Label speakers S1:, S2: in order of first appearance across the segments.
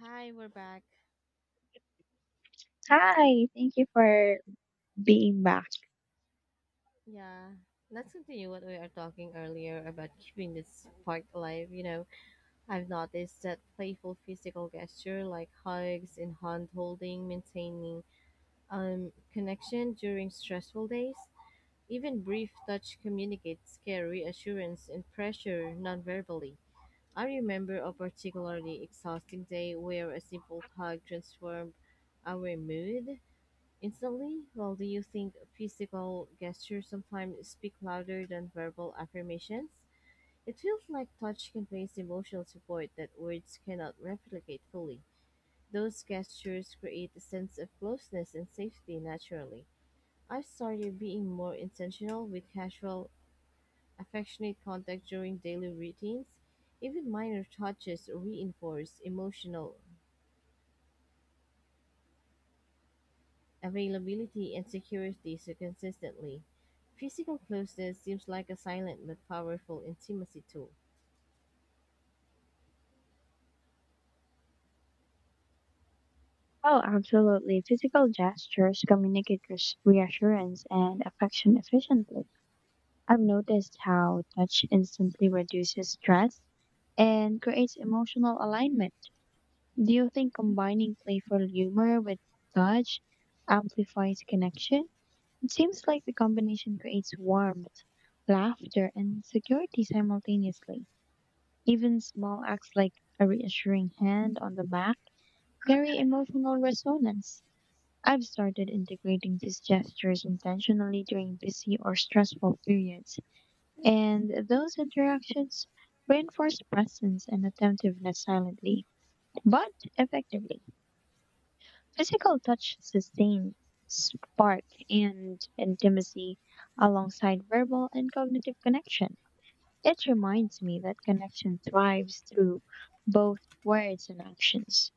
S1: Hi, we're back.
S2: Hi, thank you for being back.
S1: Yeah, let's continue what we are talking earlier about keeping this spark alive. I've noticed that playful physical gesture like hugs and hand holding, maintaining connection during stressful days. Even brief touch communicates care, reassurance, and pressure nonverbally. I remember a particularly exhausting day where a simple hug transformed our mood instantly. Well, do you think physical gestures sometimes speak louder than verbal affirmations? It feels like touch conveys emotional support that words cannot replicate fully. Those gestures create a sense of closeness and safety naturally. I've started being more intentional with casual, affectionate contact during daily routines. Even minor touches reinforce emotional availability and security so consistently. Physical closeness seems like a silent but powerful intimacy tool.
S2: Oh, absolutely. Physical gestures communicate reassurance and affection efficiently. I've noticed how touch instantly reduces stress and creates emotional alignment. Do you think combining playful humor with touch amplifies connection? It seems like the combination creates warmth, laughter, and security simultaneously. Even small acts like a reassuring hand on the back very emotional resonance. I've started integrating these gestures intentionally during busy or stressful periods, and those interactions reinforce presence and attentiveness silently, but effectively. Physical touch sustains spark and intimacy alongside verbal and cognitive connection. It reminds me that connection thrives through both words and actions.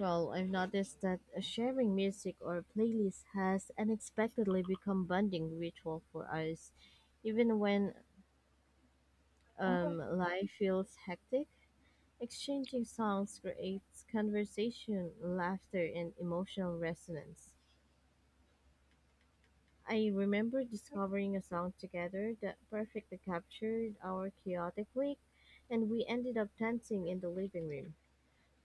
S1: Well, I've noticed that sharing music or playlists has unexpectedly become bonding ritual for us. Even when life feels hectic, exchanging songs creates conversation, laughter, and emotional resonance. I remember discovering a song together that perfectly captured our chaotic week, and we ended up dancing in the living room.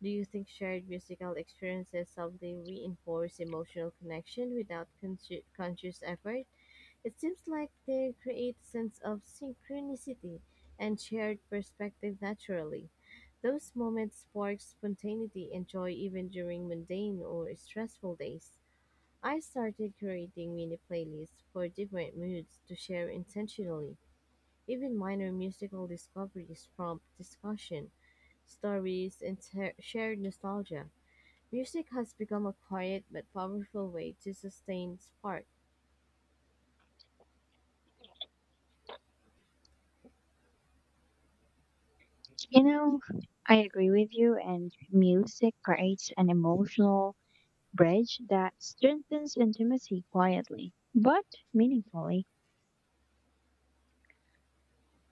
S1: Do you think shared musical experiences subtly reinforce emotional connection without conscious effort? It seems like they create a sense of synchronicity and shared perspective naturally. Those moments spark spontaneity and joy even during mundane or stressful days. I started creating mini playlists for different moods to share intentionally. Even minor musical discoveries prompt discussion, stories, and shared nostalgia. Music has become a quiet but powerful way to sustain spark.
S2: You know, I agree with you, and music creates an emotional bridge that strengthens intimacy quietly, but meaningfully.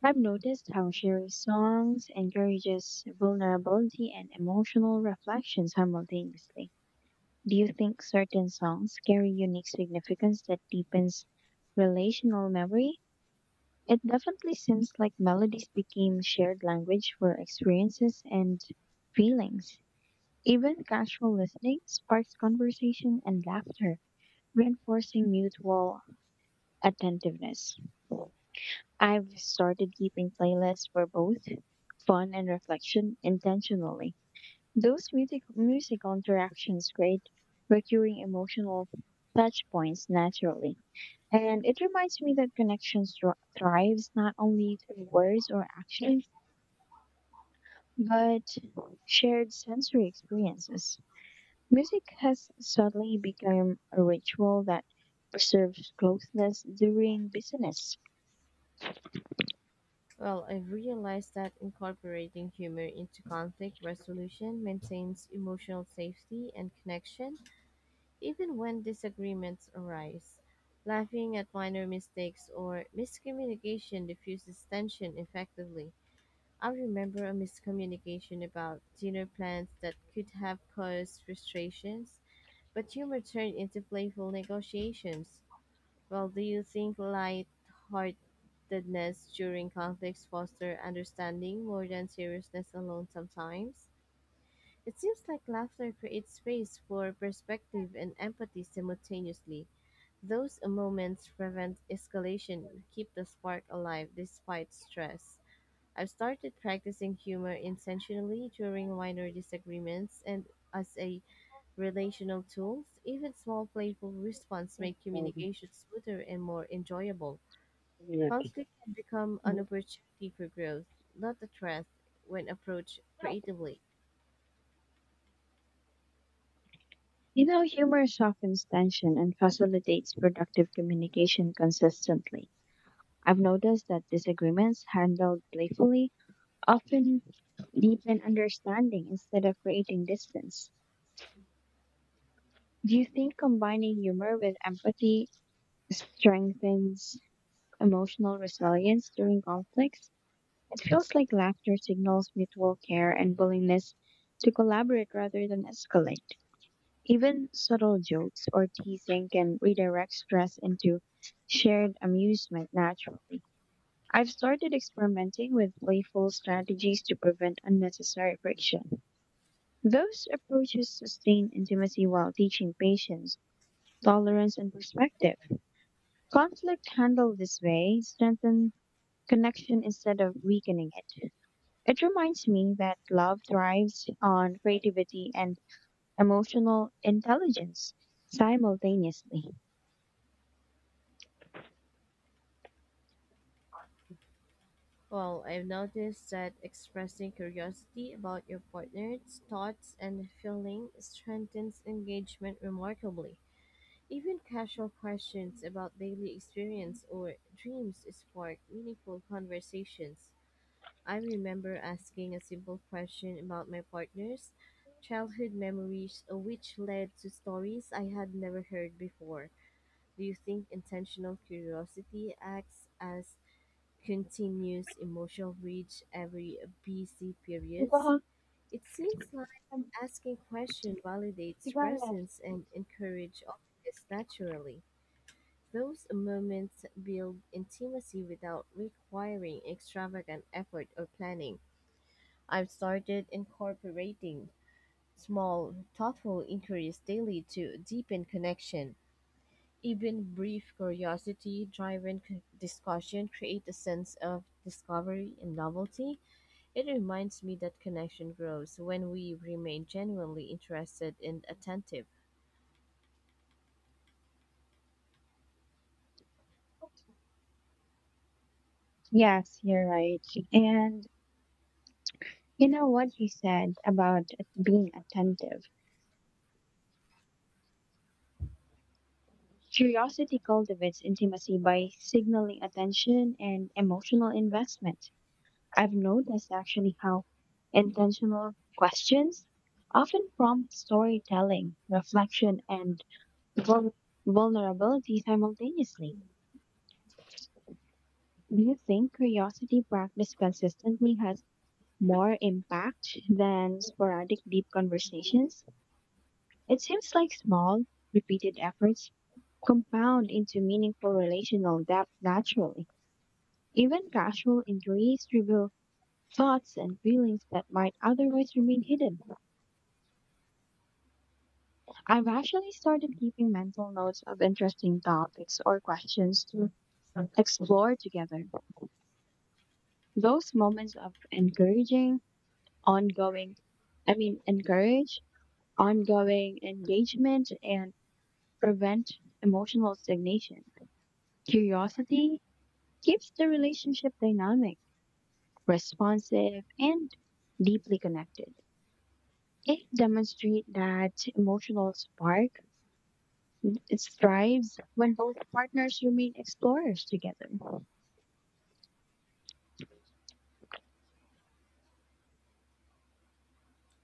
S2: I've noticed how sharing songs encourages vulnerability and emotional reflection simultaneously. Do you think certain songs carry unique significance that deepens relational memory? It definitely seems like melodies became shared language for experiences and feelings. Even casual listening sparks conversation and laughter, reinforcing mutual attentiveness. I've started keeping playlists for both fun and reflection intentionally. Those musical interactions create recurring emotional touch points naturally. And it reminds me that connections thrives not only through words or actions, but shared sensory experiences. Music has suddenly become a ritual that preserves closeness during business.
S1: Well, I've realized that incorporating humor into conflict resolution maintains emotional safety and connection. Even when disagreements arise, laughing at minor mistakes or miscommunication diffuses tension effectively. I remember a miscommunication about dinner plans that could have caused frustrations, but humor turned into playful negotiations. Well, do you think light-heartedness during conflicts foster understanding more than seriousness alone sometimes? It seems like laughter creates space for perspective and empathy simultaneously. Those moments prevent escalation, keep the spark alive despite stress. I've started practicing humor intentionally during minor disagreements and as a relational tool. Even small playful responses make communication smoother and more enjoyable. Conflict can become an
S2: Mm.
S1: opportunity for growth, not a threat when approached creatively.
S2: You know, humor softens tension and facilitates productive communication consistently. I've noticed that disagreements handled playfully often deepen understanding instead of creating distance. Do you think combining humor with empathy strengthens emotional resilience during conflicts? It feels like laughter signals mutual care and willingness to collaborate rather than escalate. Even subtle jokes or teasing can redirect stress into shared amusement naturally. I've started experimenting with playful strategies to prevent unnecessary friction. Those approaches sustain intimacy while teaching patience, tolerance, and perspective. Conflict handled this way strengthen connection instead of weakening it. It reminds me that love thrives on creativity and emotional intelligence simultaneously.
S1: Well, I've noticed that expressing curiosity about your partner's thoughts and feeling strengthens engagement remarkably. Even casual questions about daily experience or dreams spark meaningful conversations. I remember asking a simple question about my partner's childhood memories, which led to stories I had never heard before. Do you think intentional curiosity acts as continuous emotional reach every busy periods?
S2: Siguro-
S1: It seems like asking question validates
S2: Siguro.
S1: presence and encourage openness naturally. Those moments build intimacy without requiring extravagant effort or planning. I've started incorporating small, thoughtful inquiries daily to deepen connection. Even brief curiosity driven discussion create a sense of discovery and novelty. It reminds me that connection grows when we remain genuinely interested and attentive.
S2: Yes, you're right. And you know what you said about being attentive. Curiosity cultivates intimacy by signaling attention and emotional investment. I've noticed actually how intentional questions often prompt storytelling, reflection, and vul- vulnerability simultaneously. Do you think curiosity practiced consistently has more impact than sporadic deep conversations? It seems like small, repeated efforts compound into meaningful relational depth naturally. Even casual inquiries reveal thoughts and feelings that might otherwise remain hidden. I've actually started keeping mental notes of interesting topics or questions to explore together. Those moments of encouraging, ongoing, I mean, encourage ongoing engagement and prevent emotional stagnation. Curiosity keeps the relationship dynamic, responsive, and deeply connected. It demonstrates that emotional spark it thrives when both partners remain explorers together.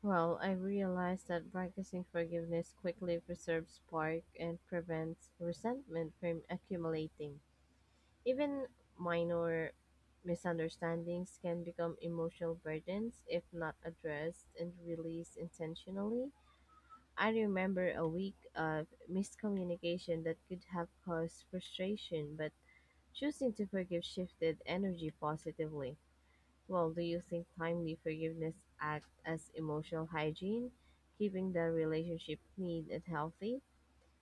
S1: Well, I realized that practicing forgiveness quickly preserves spark and prevents resentment from accumulating. Even minor misunderstandings can become emotional burdens if not addressed and released intentionally. I remember a week of miscommunication that could have caused frustration, but choosing to forgive shifted energy positively. Well, do you think timely forgiveness act as emotional hygiene, keeping the relationship clean and healthy?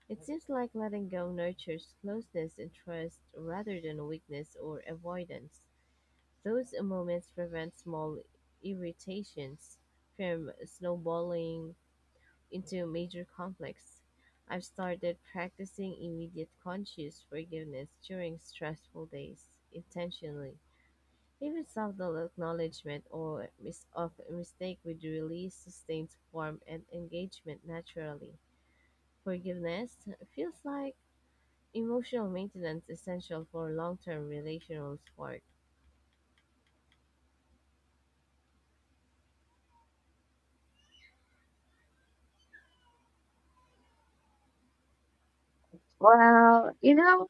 S1: It seems like letting go nurtures closeness and trust rather than weakness or avoidance. Those moments prevent small irritations from snowballing into major conflicts. I've started practicing immediate conscious forgiveness during stressful days intentionally. Even subtle acknowledgement or of a mistake would release sustained form and engagement naturally. Forgiveness feels like emotional maintenance essential for long term relational spark.
S2: Well, you know,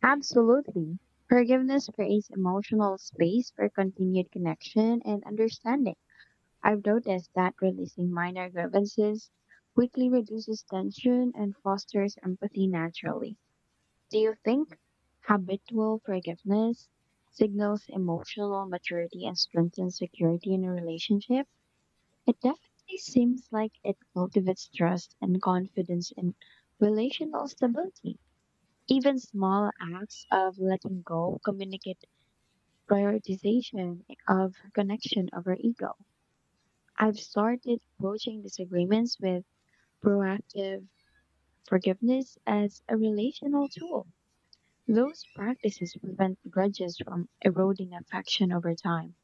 S2: absolutely. Forgiveness creates emotional space for continued connection and understanding. I've noticed that releasing minor grievances quickly reduces tension and fosters empathy naturally. Do you think habitual forgiveness signals emotional maturity and strengthens security in a relationship? It definitely seems like it cultivates trust and confidence in relational stability. Even small acts of letting go communicate prioritization of connection over ego. I've started approaching disagreements with proactive forgiveness as a relational tool. Those practices prevent grudges from eroding affection over time.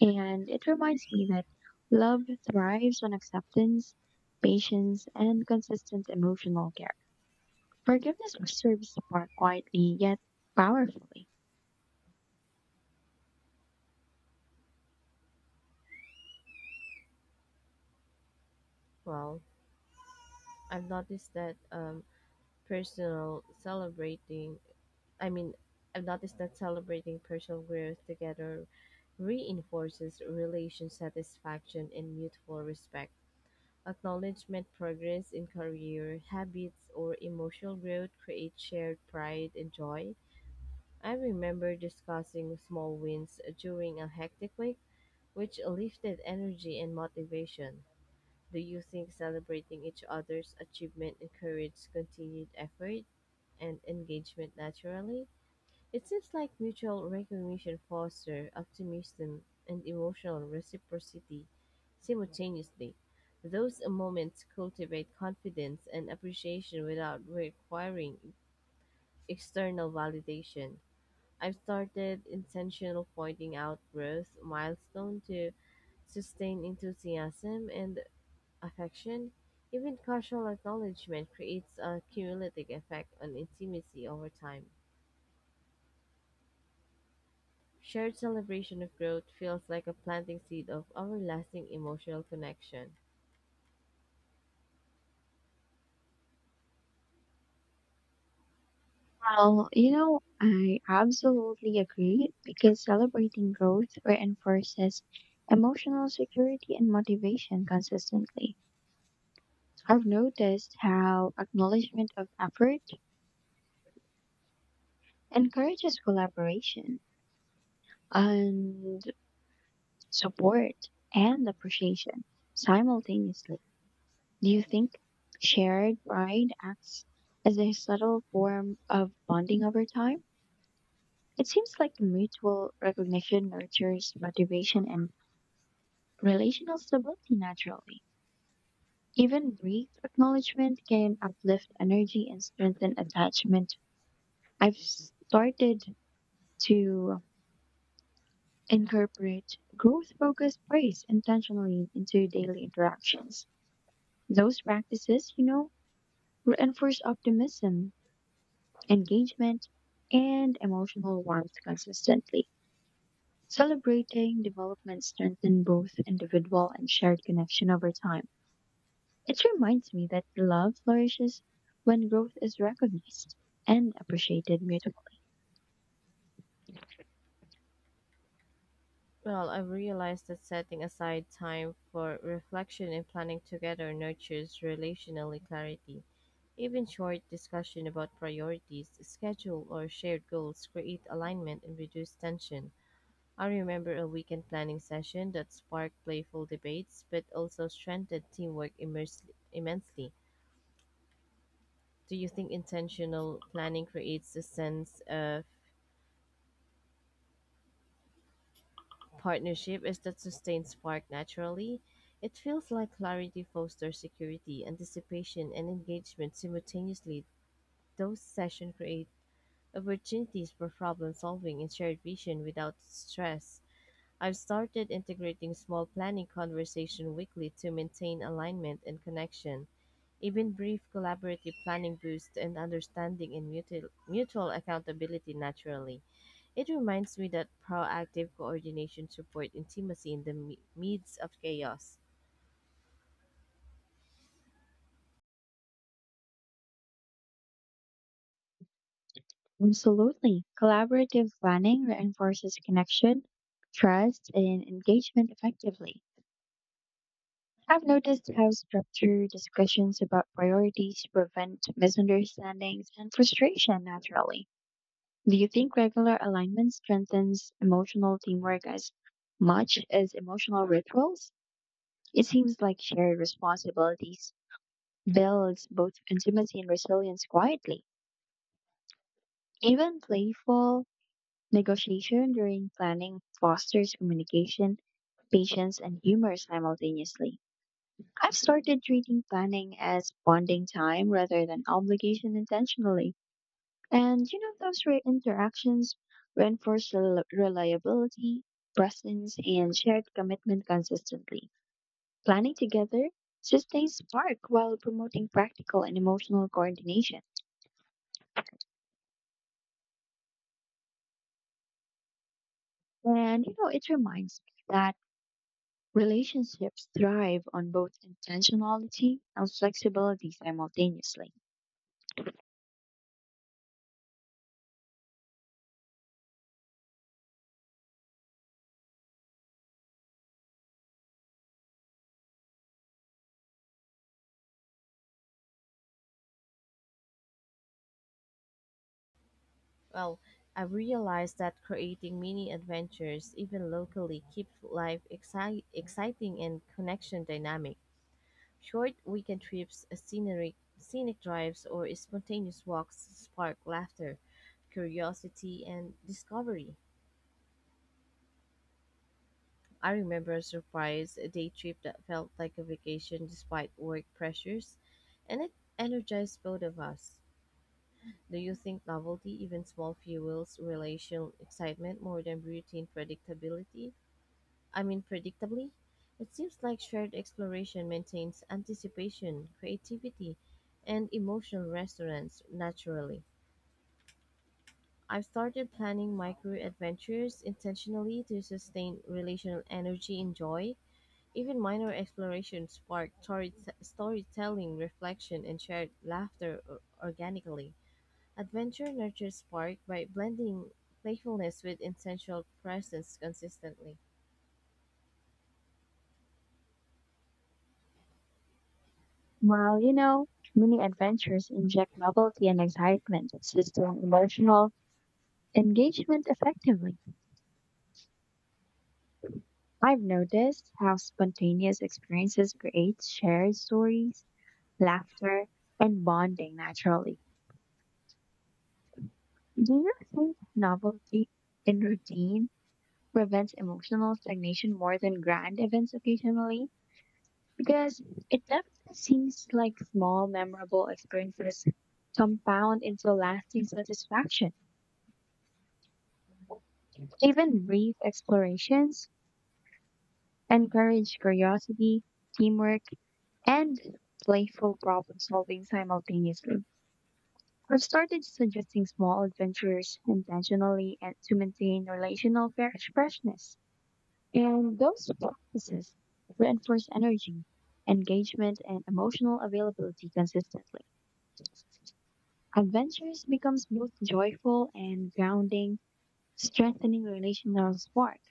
S2: And it reminds me that love thrives on acceptance, patience, and consistent emotional care. Forgiveness serves the spark quietly yet powerfully.
S1: Well, I've noticed that personal celebrating I mean, I've noticed that celebrating personal growth together reinforces relation satisfaction and mutual respect. Acknowledgement progress in career, habits, or emotional growth creates shared pride and joy. I remember discussing small wins during a hectic week, which lifted energy and motivation. Do you think celebrating each other's achievement encourages continued effort and engagement naturally? It seems like mutual recognition fosters optimism and emotional reciprocity simultaneously. Those moments cultivate confidence and appreciation without requiring external validation. I've started intentional pointing out growth milestone to sustain enthusiasm and affection. Even casual acknowledgement creates a cumulative effect on intimacy over time. Shared celebration of growth feels like a planting seed of everlasting emotional connection.
S2: Well, you know, I absolutely agree because celebrating growth reinforces emotional security and motivation consistently. I've noticed how acknowledgement of effort encourages collaboration and support and appreciation simultaneously. Do you think shared pride acts as a subtle form of bonding over time? It seems like mutual recognition nurtures motivation and relational stability naturally. Even brief acknowledgement can uplift energy and strengthen attachment. I've started to incorporate growth focused praise intentionally into daily interactions. Those practices, you know, reinforce optimism, engagement, and emotional warmth consistently. Celebrating development strengthens both individual and shared connection over time. It reminds me that love flourishes when growth is recognized and appreciated mutually.
S1: Well, I've realized that setting aside time for reflection and planning together nurtures relationally clarity. Even short discussion about priorities, schedule, or shared goals create alignment and reduce tension. I remember a weekend planning session that sparked playful debates but also strengthened teamwork immensely. Do you think intentional planning creates a sense of partnership is that sustained spark naturally? It feels like clarity fosters security, anticipation, and engagement simultaneously. Those sessions create opportunities for problem solving and shared vision without stress. I've started integrating small planning conversation weekly to maintain alignment and connection. Even brief collaborative planning boosts and understanding and mutual accountability naturally. It reminds me that proactive coordination supports intimacy in the midst of chaos.
S2: Absolutely. Collaborative planning reinforces connection, trust, and engagement effectively. I've noticed how structured discussions about priorities prevent misunderstandings and frustration naturally. Do you think regular alignment strengthens emotional teamwork as much as emotional rituals? It seems like shared responsibilities builds both intimacy and resilience quietly. Even playful negotiation during planning fosters communication, patience, and humor simultaneously. I've started treating planning as bonding time rather than obligation intentionally. And you know, those interactions reinforce reliability, presence, and shared commitment consistently. Planning together sustains spark while promoting practical and emotional coordination. And you know, it reminds me that relationships thrive on both intentionality and flexibility simultaneously.
S1: Well, I've realized that creating mini adventures, even locally, keeps life exciting and connection dynamic. Short weekend trips, scenic drives, or spontaneous walks spark laughter, curiosity, and discovery. I remember a surprise day trip that felt like a vacation despite work pressures, and it energized both of us. Do you think novelty, even small fuels, relation excitement more than routine predictability? Predictably, it seems like shared exploration maintains anticipation, creativity, and emotional resonance naturally. I've started planning micro adventures intentionally to sustain relational energy and joy. Even minor explorations spark storytelling, reflection, and shared laughter organically. Adventure nurtures spark by blending playfulness with intentional presence consistently.
S2: While, you know, many adventures inject novelty and excitement that sustain emotional engagement effectively. I've noticed how spontaneous experiences create shared stories, laughter, and bonding naturally. Do you think novelty in routine prevents emotional stagnation more than grand events occasionally? Because it definitely seems like small, memorable experiences compound into lasting satisfaction. Even brief explorations encourage curiosity, teamwork, and playful problem solving simultaneously. I've started suggesting small adventures intentionally and to maintain relational freshness. And those practices reinforce energy, engagement, and emotional availability consistently. Adventures becomes both joyful and grounding, strengthening relational spark.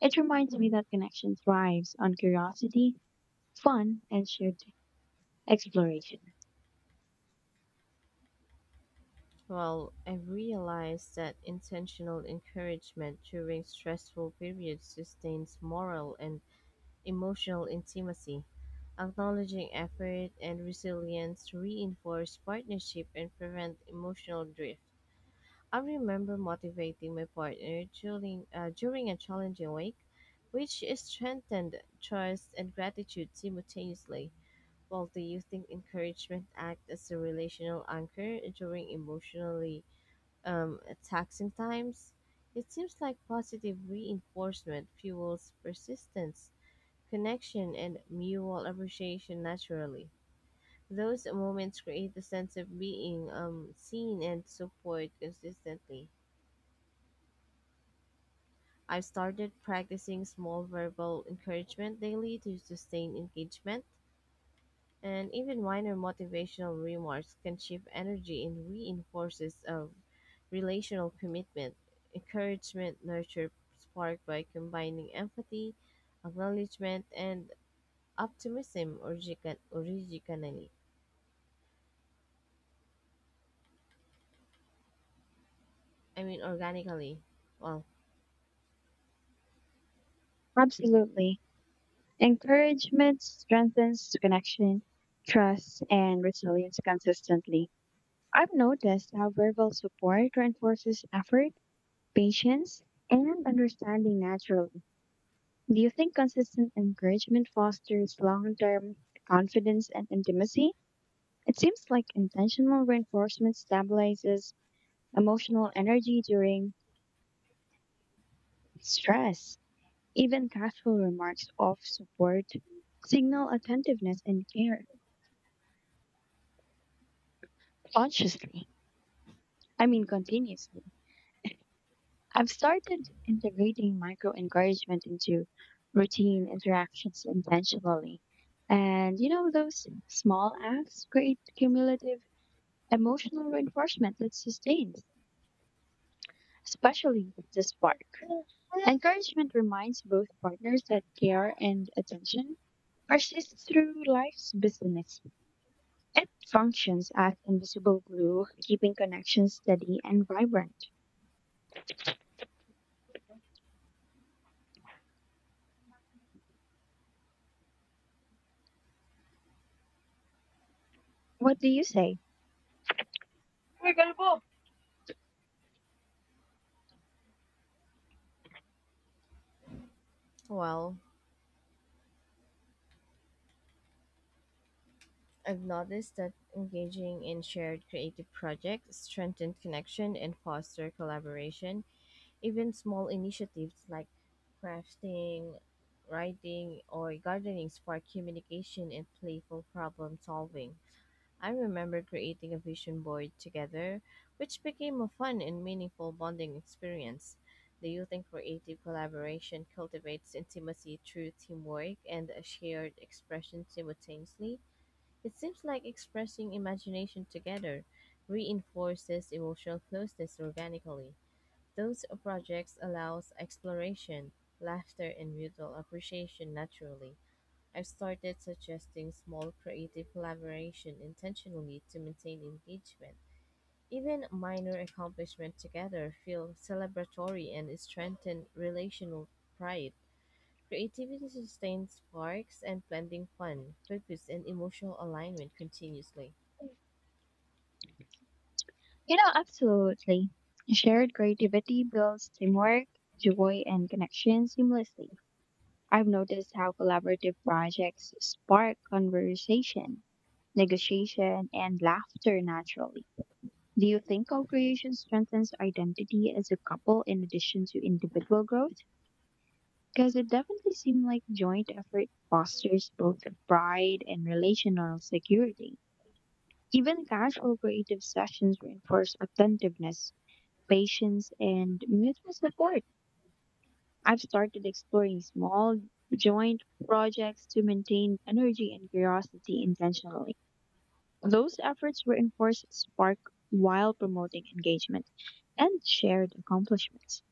S2: It reminds me that connection thrives on curiosity, fun, and shared exploration.
S1: Well, I realized that intentional encouragement during stressful periods sustains moral and emotional intimacy. Acknowledging effort and resilience reinforce partnership and prevent emotional drift. I remember motivating my partner during a challenging week, which strengthened trust and gratitude simultaneously. Well, do you think encouragement acts as a relational anchor during emotionally taxing times? It seems like positive reinforcement fuels persistence, connection, and mutual appreciation naturally. Those moments create a sense of being seen and support consistently. I've started practicing small verbal encouragement daily to sustain engagement. And even minor motivational remarks can shift energy and reinforces a relational commitment. Encouragement nurture spark by combining empathy, acknowledgement, and optimism organically. Well,
S2: Absolutely. Encouragement strengthens connection, trust, and resilience consistently. I've noticed how verbal support reinforces effort, patience, and understanding naturally. Do you think consistent encouragement fosters long term confidence and intimacy? It seems like intentional reinforcement stabilizes emotional energy during stress. Even casual remarks of support signal attentiveness and care consciously. Continuously. I've started integrating micro encouragement into routine interactions intentionally. And you know, those small acts create cumulative emotional reinforcement that sustains, especially if the spark. Encouragement reminds both partners that care and attention persist through life's busyness. It functions as invisible glue, keeping connections steady and vibrant. What do you say? You
S1: well, I've noticed that engaging in shared creative projects strengthen connection and foster collaboration. Even small initiatives like crafting, writing, or gardening spark communication and playful problem solving. I remember creating a vision board together, which became a fun and meaningful bonding experience. The youth and creative collaboration cultivates intimacy through teamwork and a shared expression simultaneously. It seems like expressing imagination together reinforces emotional closeness organically. Those projects allows exploration, laughter and mutual appreciation naturally. I've started suggesting small creative collaboration intentionally to maintain engagement. Even minor accomplishments together feel celebratory and strengthen relational pride. Creativity sustains sparks and blending fun, focus, and emotional alignment continuously.
S2: know, absolutely. Shared creativity builds teamwork, joy, and connection seamlessly. I've noticed how collaborative projects spark conversation, negotiation, and laughter naturally. Do you think co-creation strengthens identity as a couple in addition to individual growth? Because it definitely seems like joint effort fosters both pride and relational security. Even casual creative sessions reinforce attentiveness, patience, and mutual support. I've started exploring small joint projects to maintain energy and curiosity intentionally. Those efforts reinforce spark while promoting engagement and shared accomplishments.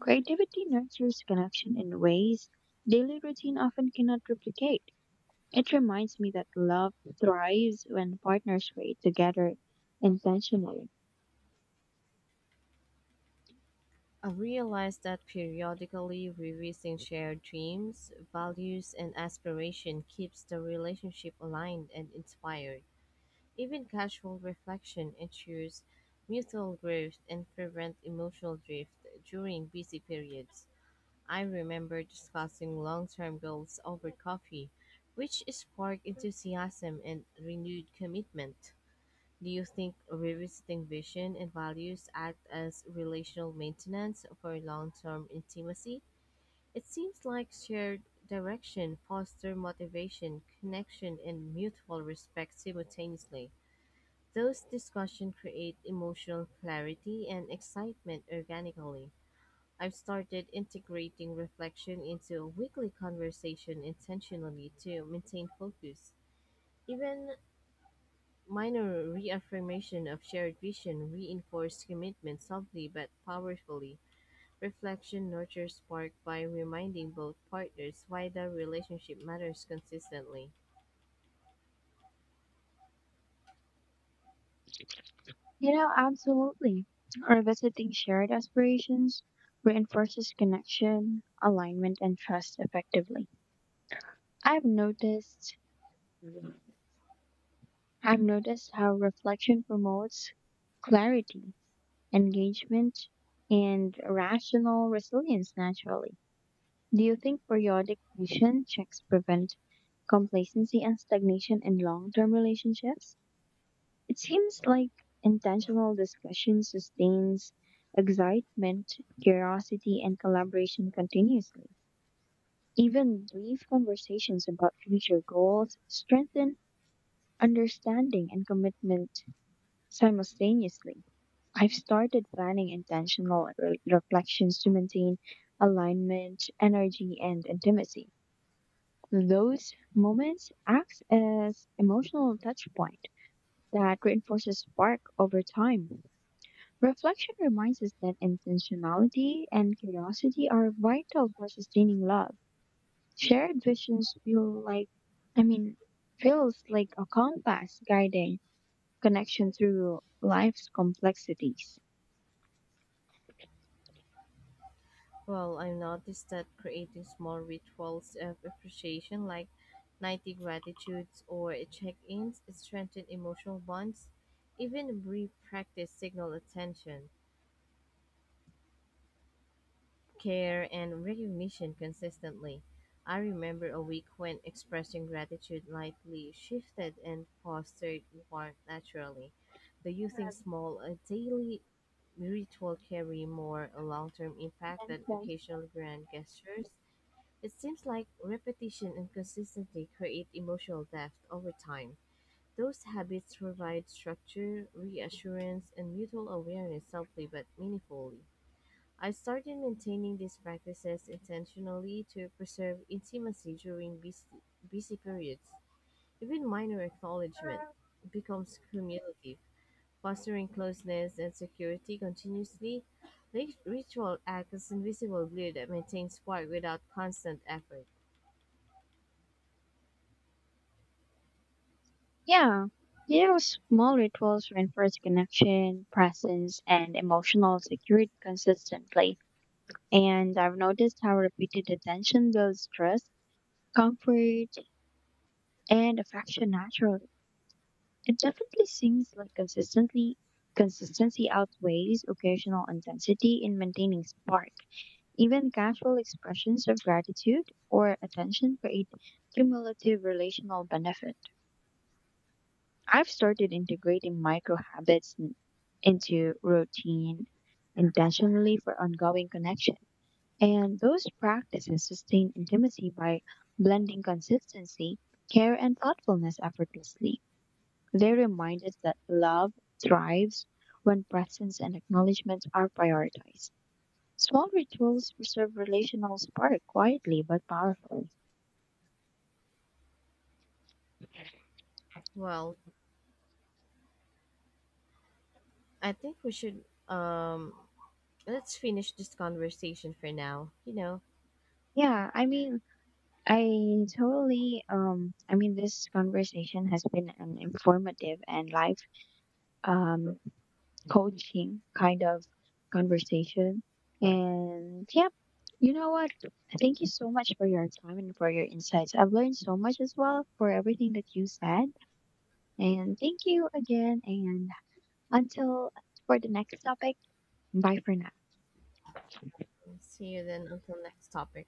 S2: Creativity nurtures connection in ways daily routine often cannot replicate. It reminds me that love thrives when partners create together intentionally.
S1: I realized that periodically revising shared dreams, values, and aspiration keeps the relationship aligned and inspired. Even casual reflection ensures mutual growth and prevents emotional drift during busy periods. I remember discussing long-term goals over coffee, which sparked enthusiasm and renewed commitment. Do you think revisiting vision and values act as relational maintenance for long term intimacy? It seems like shared direction foster motivation, connection, and mutual respect simultaneously. Those discussions create emotional clarity and excitement organically. I've started integrating reflection into weekly conversation intentionally to maintain focus. Even minor reaffirmation of shared vision reinforced commitment softly but powerfully. Reflection nurtures spark by reminding both partners why the relationship matters consistently.
S2: You know, absolutely. Revisiting shared aspirations reinforces connection, alignment, and trust effectively. I've noticed I've noticed how reflection promotes clarity, engagement, and rational resilience naturally. Do you think periodic mission checks prevent complacency and stagnation in long-term relationships? It seems like intentional discussion sustains excitement, curiosity, and collaboration continuously. Even brief conversations about future goals strengthen understanding and commitment simultaneously. I've started planning intentional reflections to maintain alignment, energy, and intimacy. Those moments act as emotional touch point that reinforces spark over time. Reflection reminds us that intentionality and curiosity are vital for sustaining love. Shared visions I mean, feels like a compass guiding connection through life's complexities.
S1: Well, I've noticed that creating small rituals of appreciation like nightly gratitudes or check-ins strengthen emotional bonds. Even brief practice signal attention, care and recognition consistently. I remember a week when expressing gratitude lightly shifted and fostered warmth naturally. Do you think
S2: Have
S1: small daily ritual carry more long-term impact than
S2: mentioned.
S1: occasional grand gestures? It seems like repetition and consistency create emotional depth over time. Those habits provide structure, reassurance, and mutual awareness subtly but meaningfully. I started maintaining these practices intentionally to preserve intimacy during busy periods. Even minor acknowledgement becomes cumulative, fostering closeness and security continuously. Ritual acts as invisible glue that maintains spark without constant effort.
S2: Yeah. You know, small rituals reinforce connection, presence, and emotional security consistently. And I've noticed how repeated attention builds trust, comfort, and affection naturally. It definitely seems like consistently consistency outweighs occasional intensity in maintaining spark. Even casual expressions of gratitude or attention create cumulative relational benefit. I've started integrating micro habits into routine intentionally for ongoing connection. And those practices sustain intimacy by blending consistency, care, and thoughtfulness effortlessly. They remind us that love thrives when presence and acknowledgement are prioritized. Small rituals preserve relational spark quietly but powerfully.
S1: Well, I think we should let's finish this conversation for now. You know,
S2: Yeah, I mean, I totally I mean This conversation has been an informative and life um coaching kind of conversation. And yeah, you know what? Thank you so much for your time and for your insights. I've learned so much as well for everything that you said. And thank you again and until for the next topic, bye for now.
S1: see you then until next topic.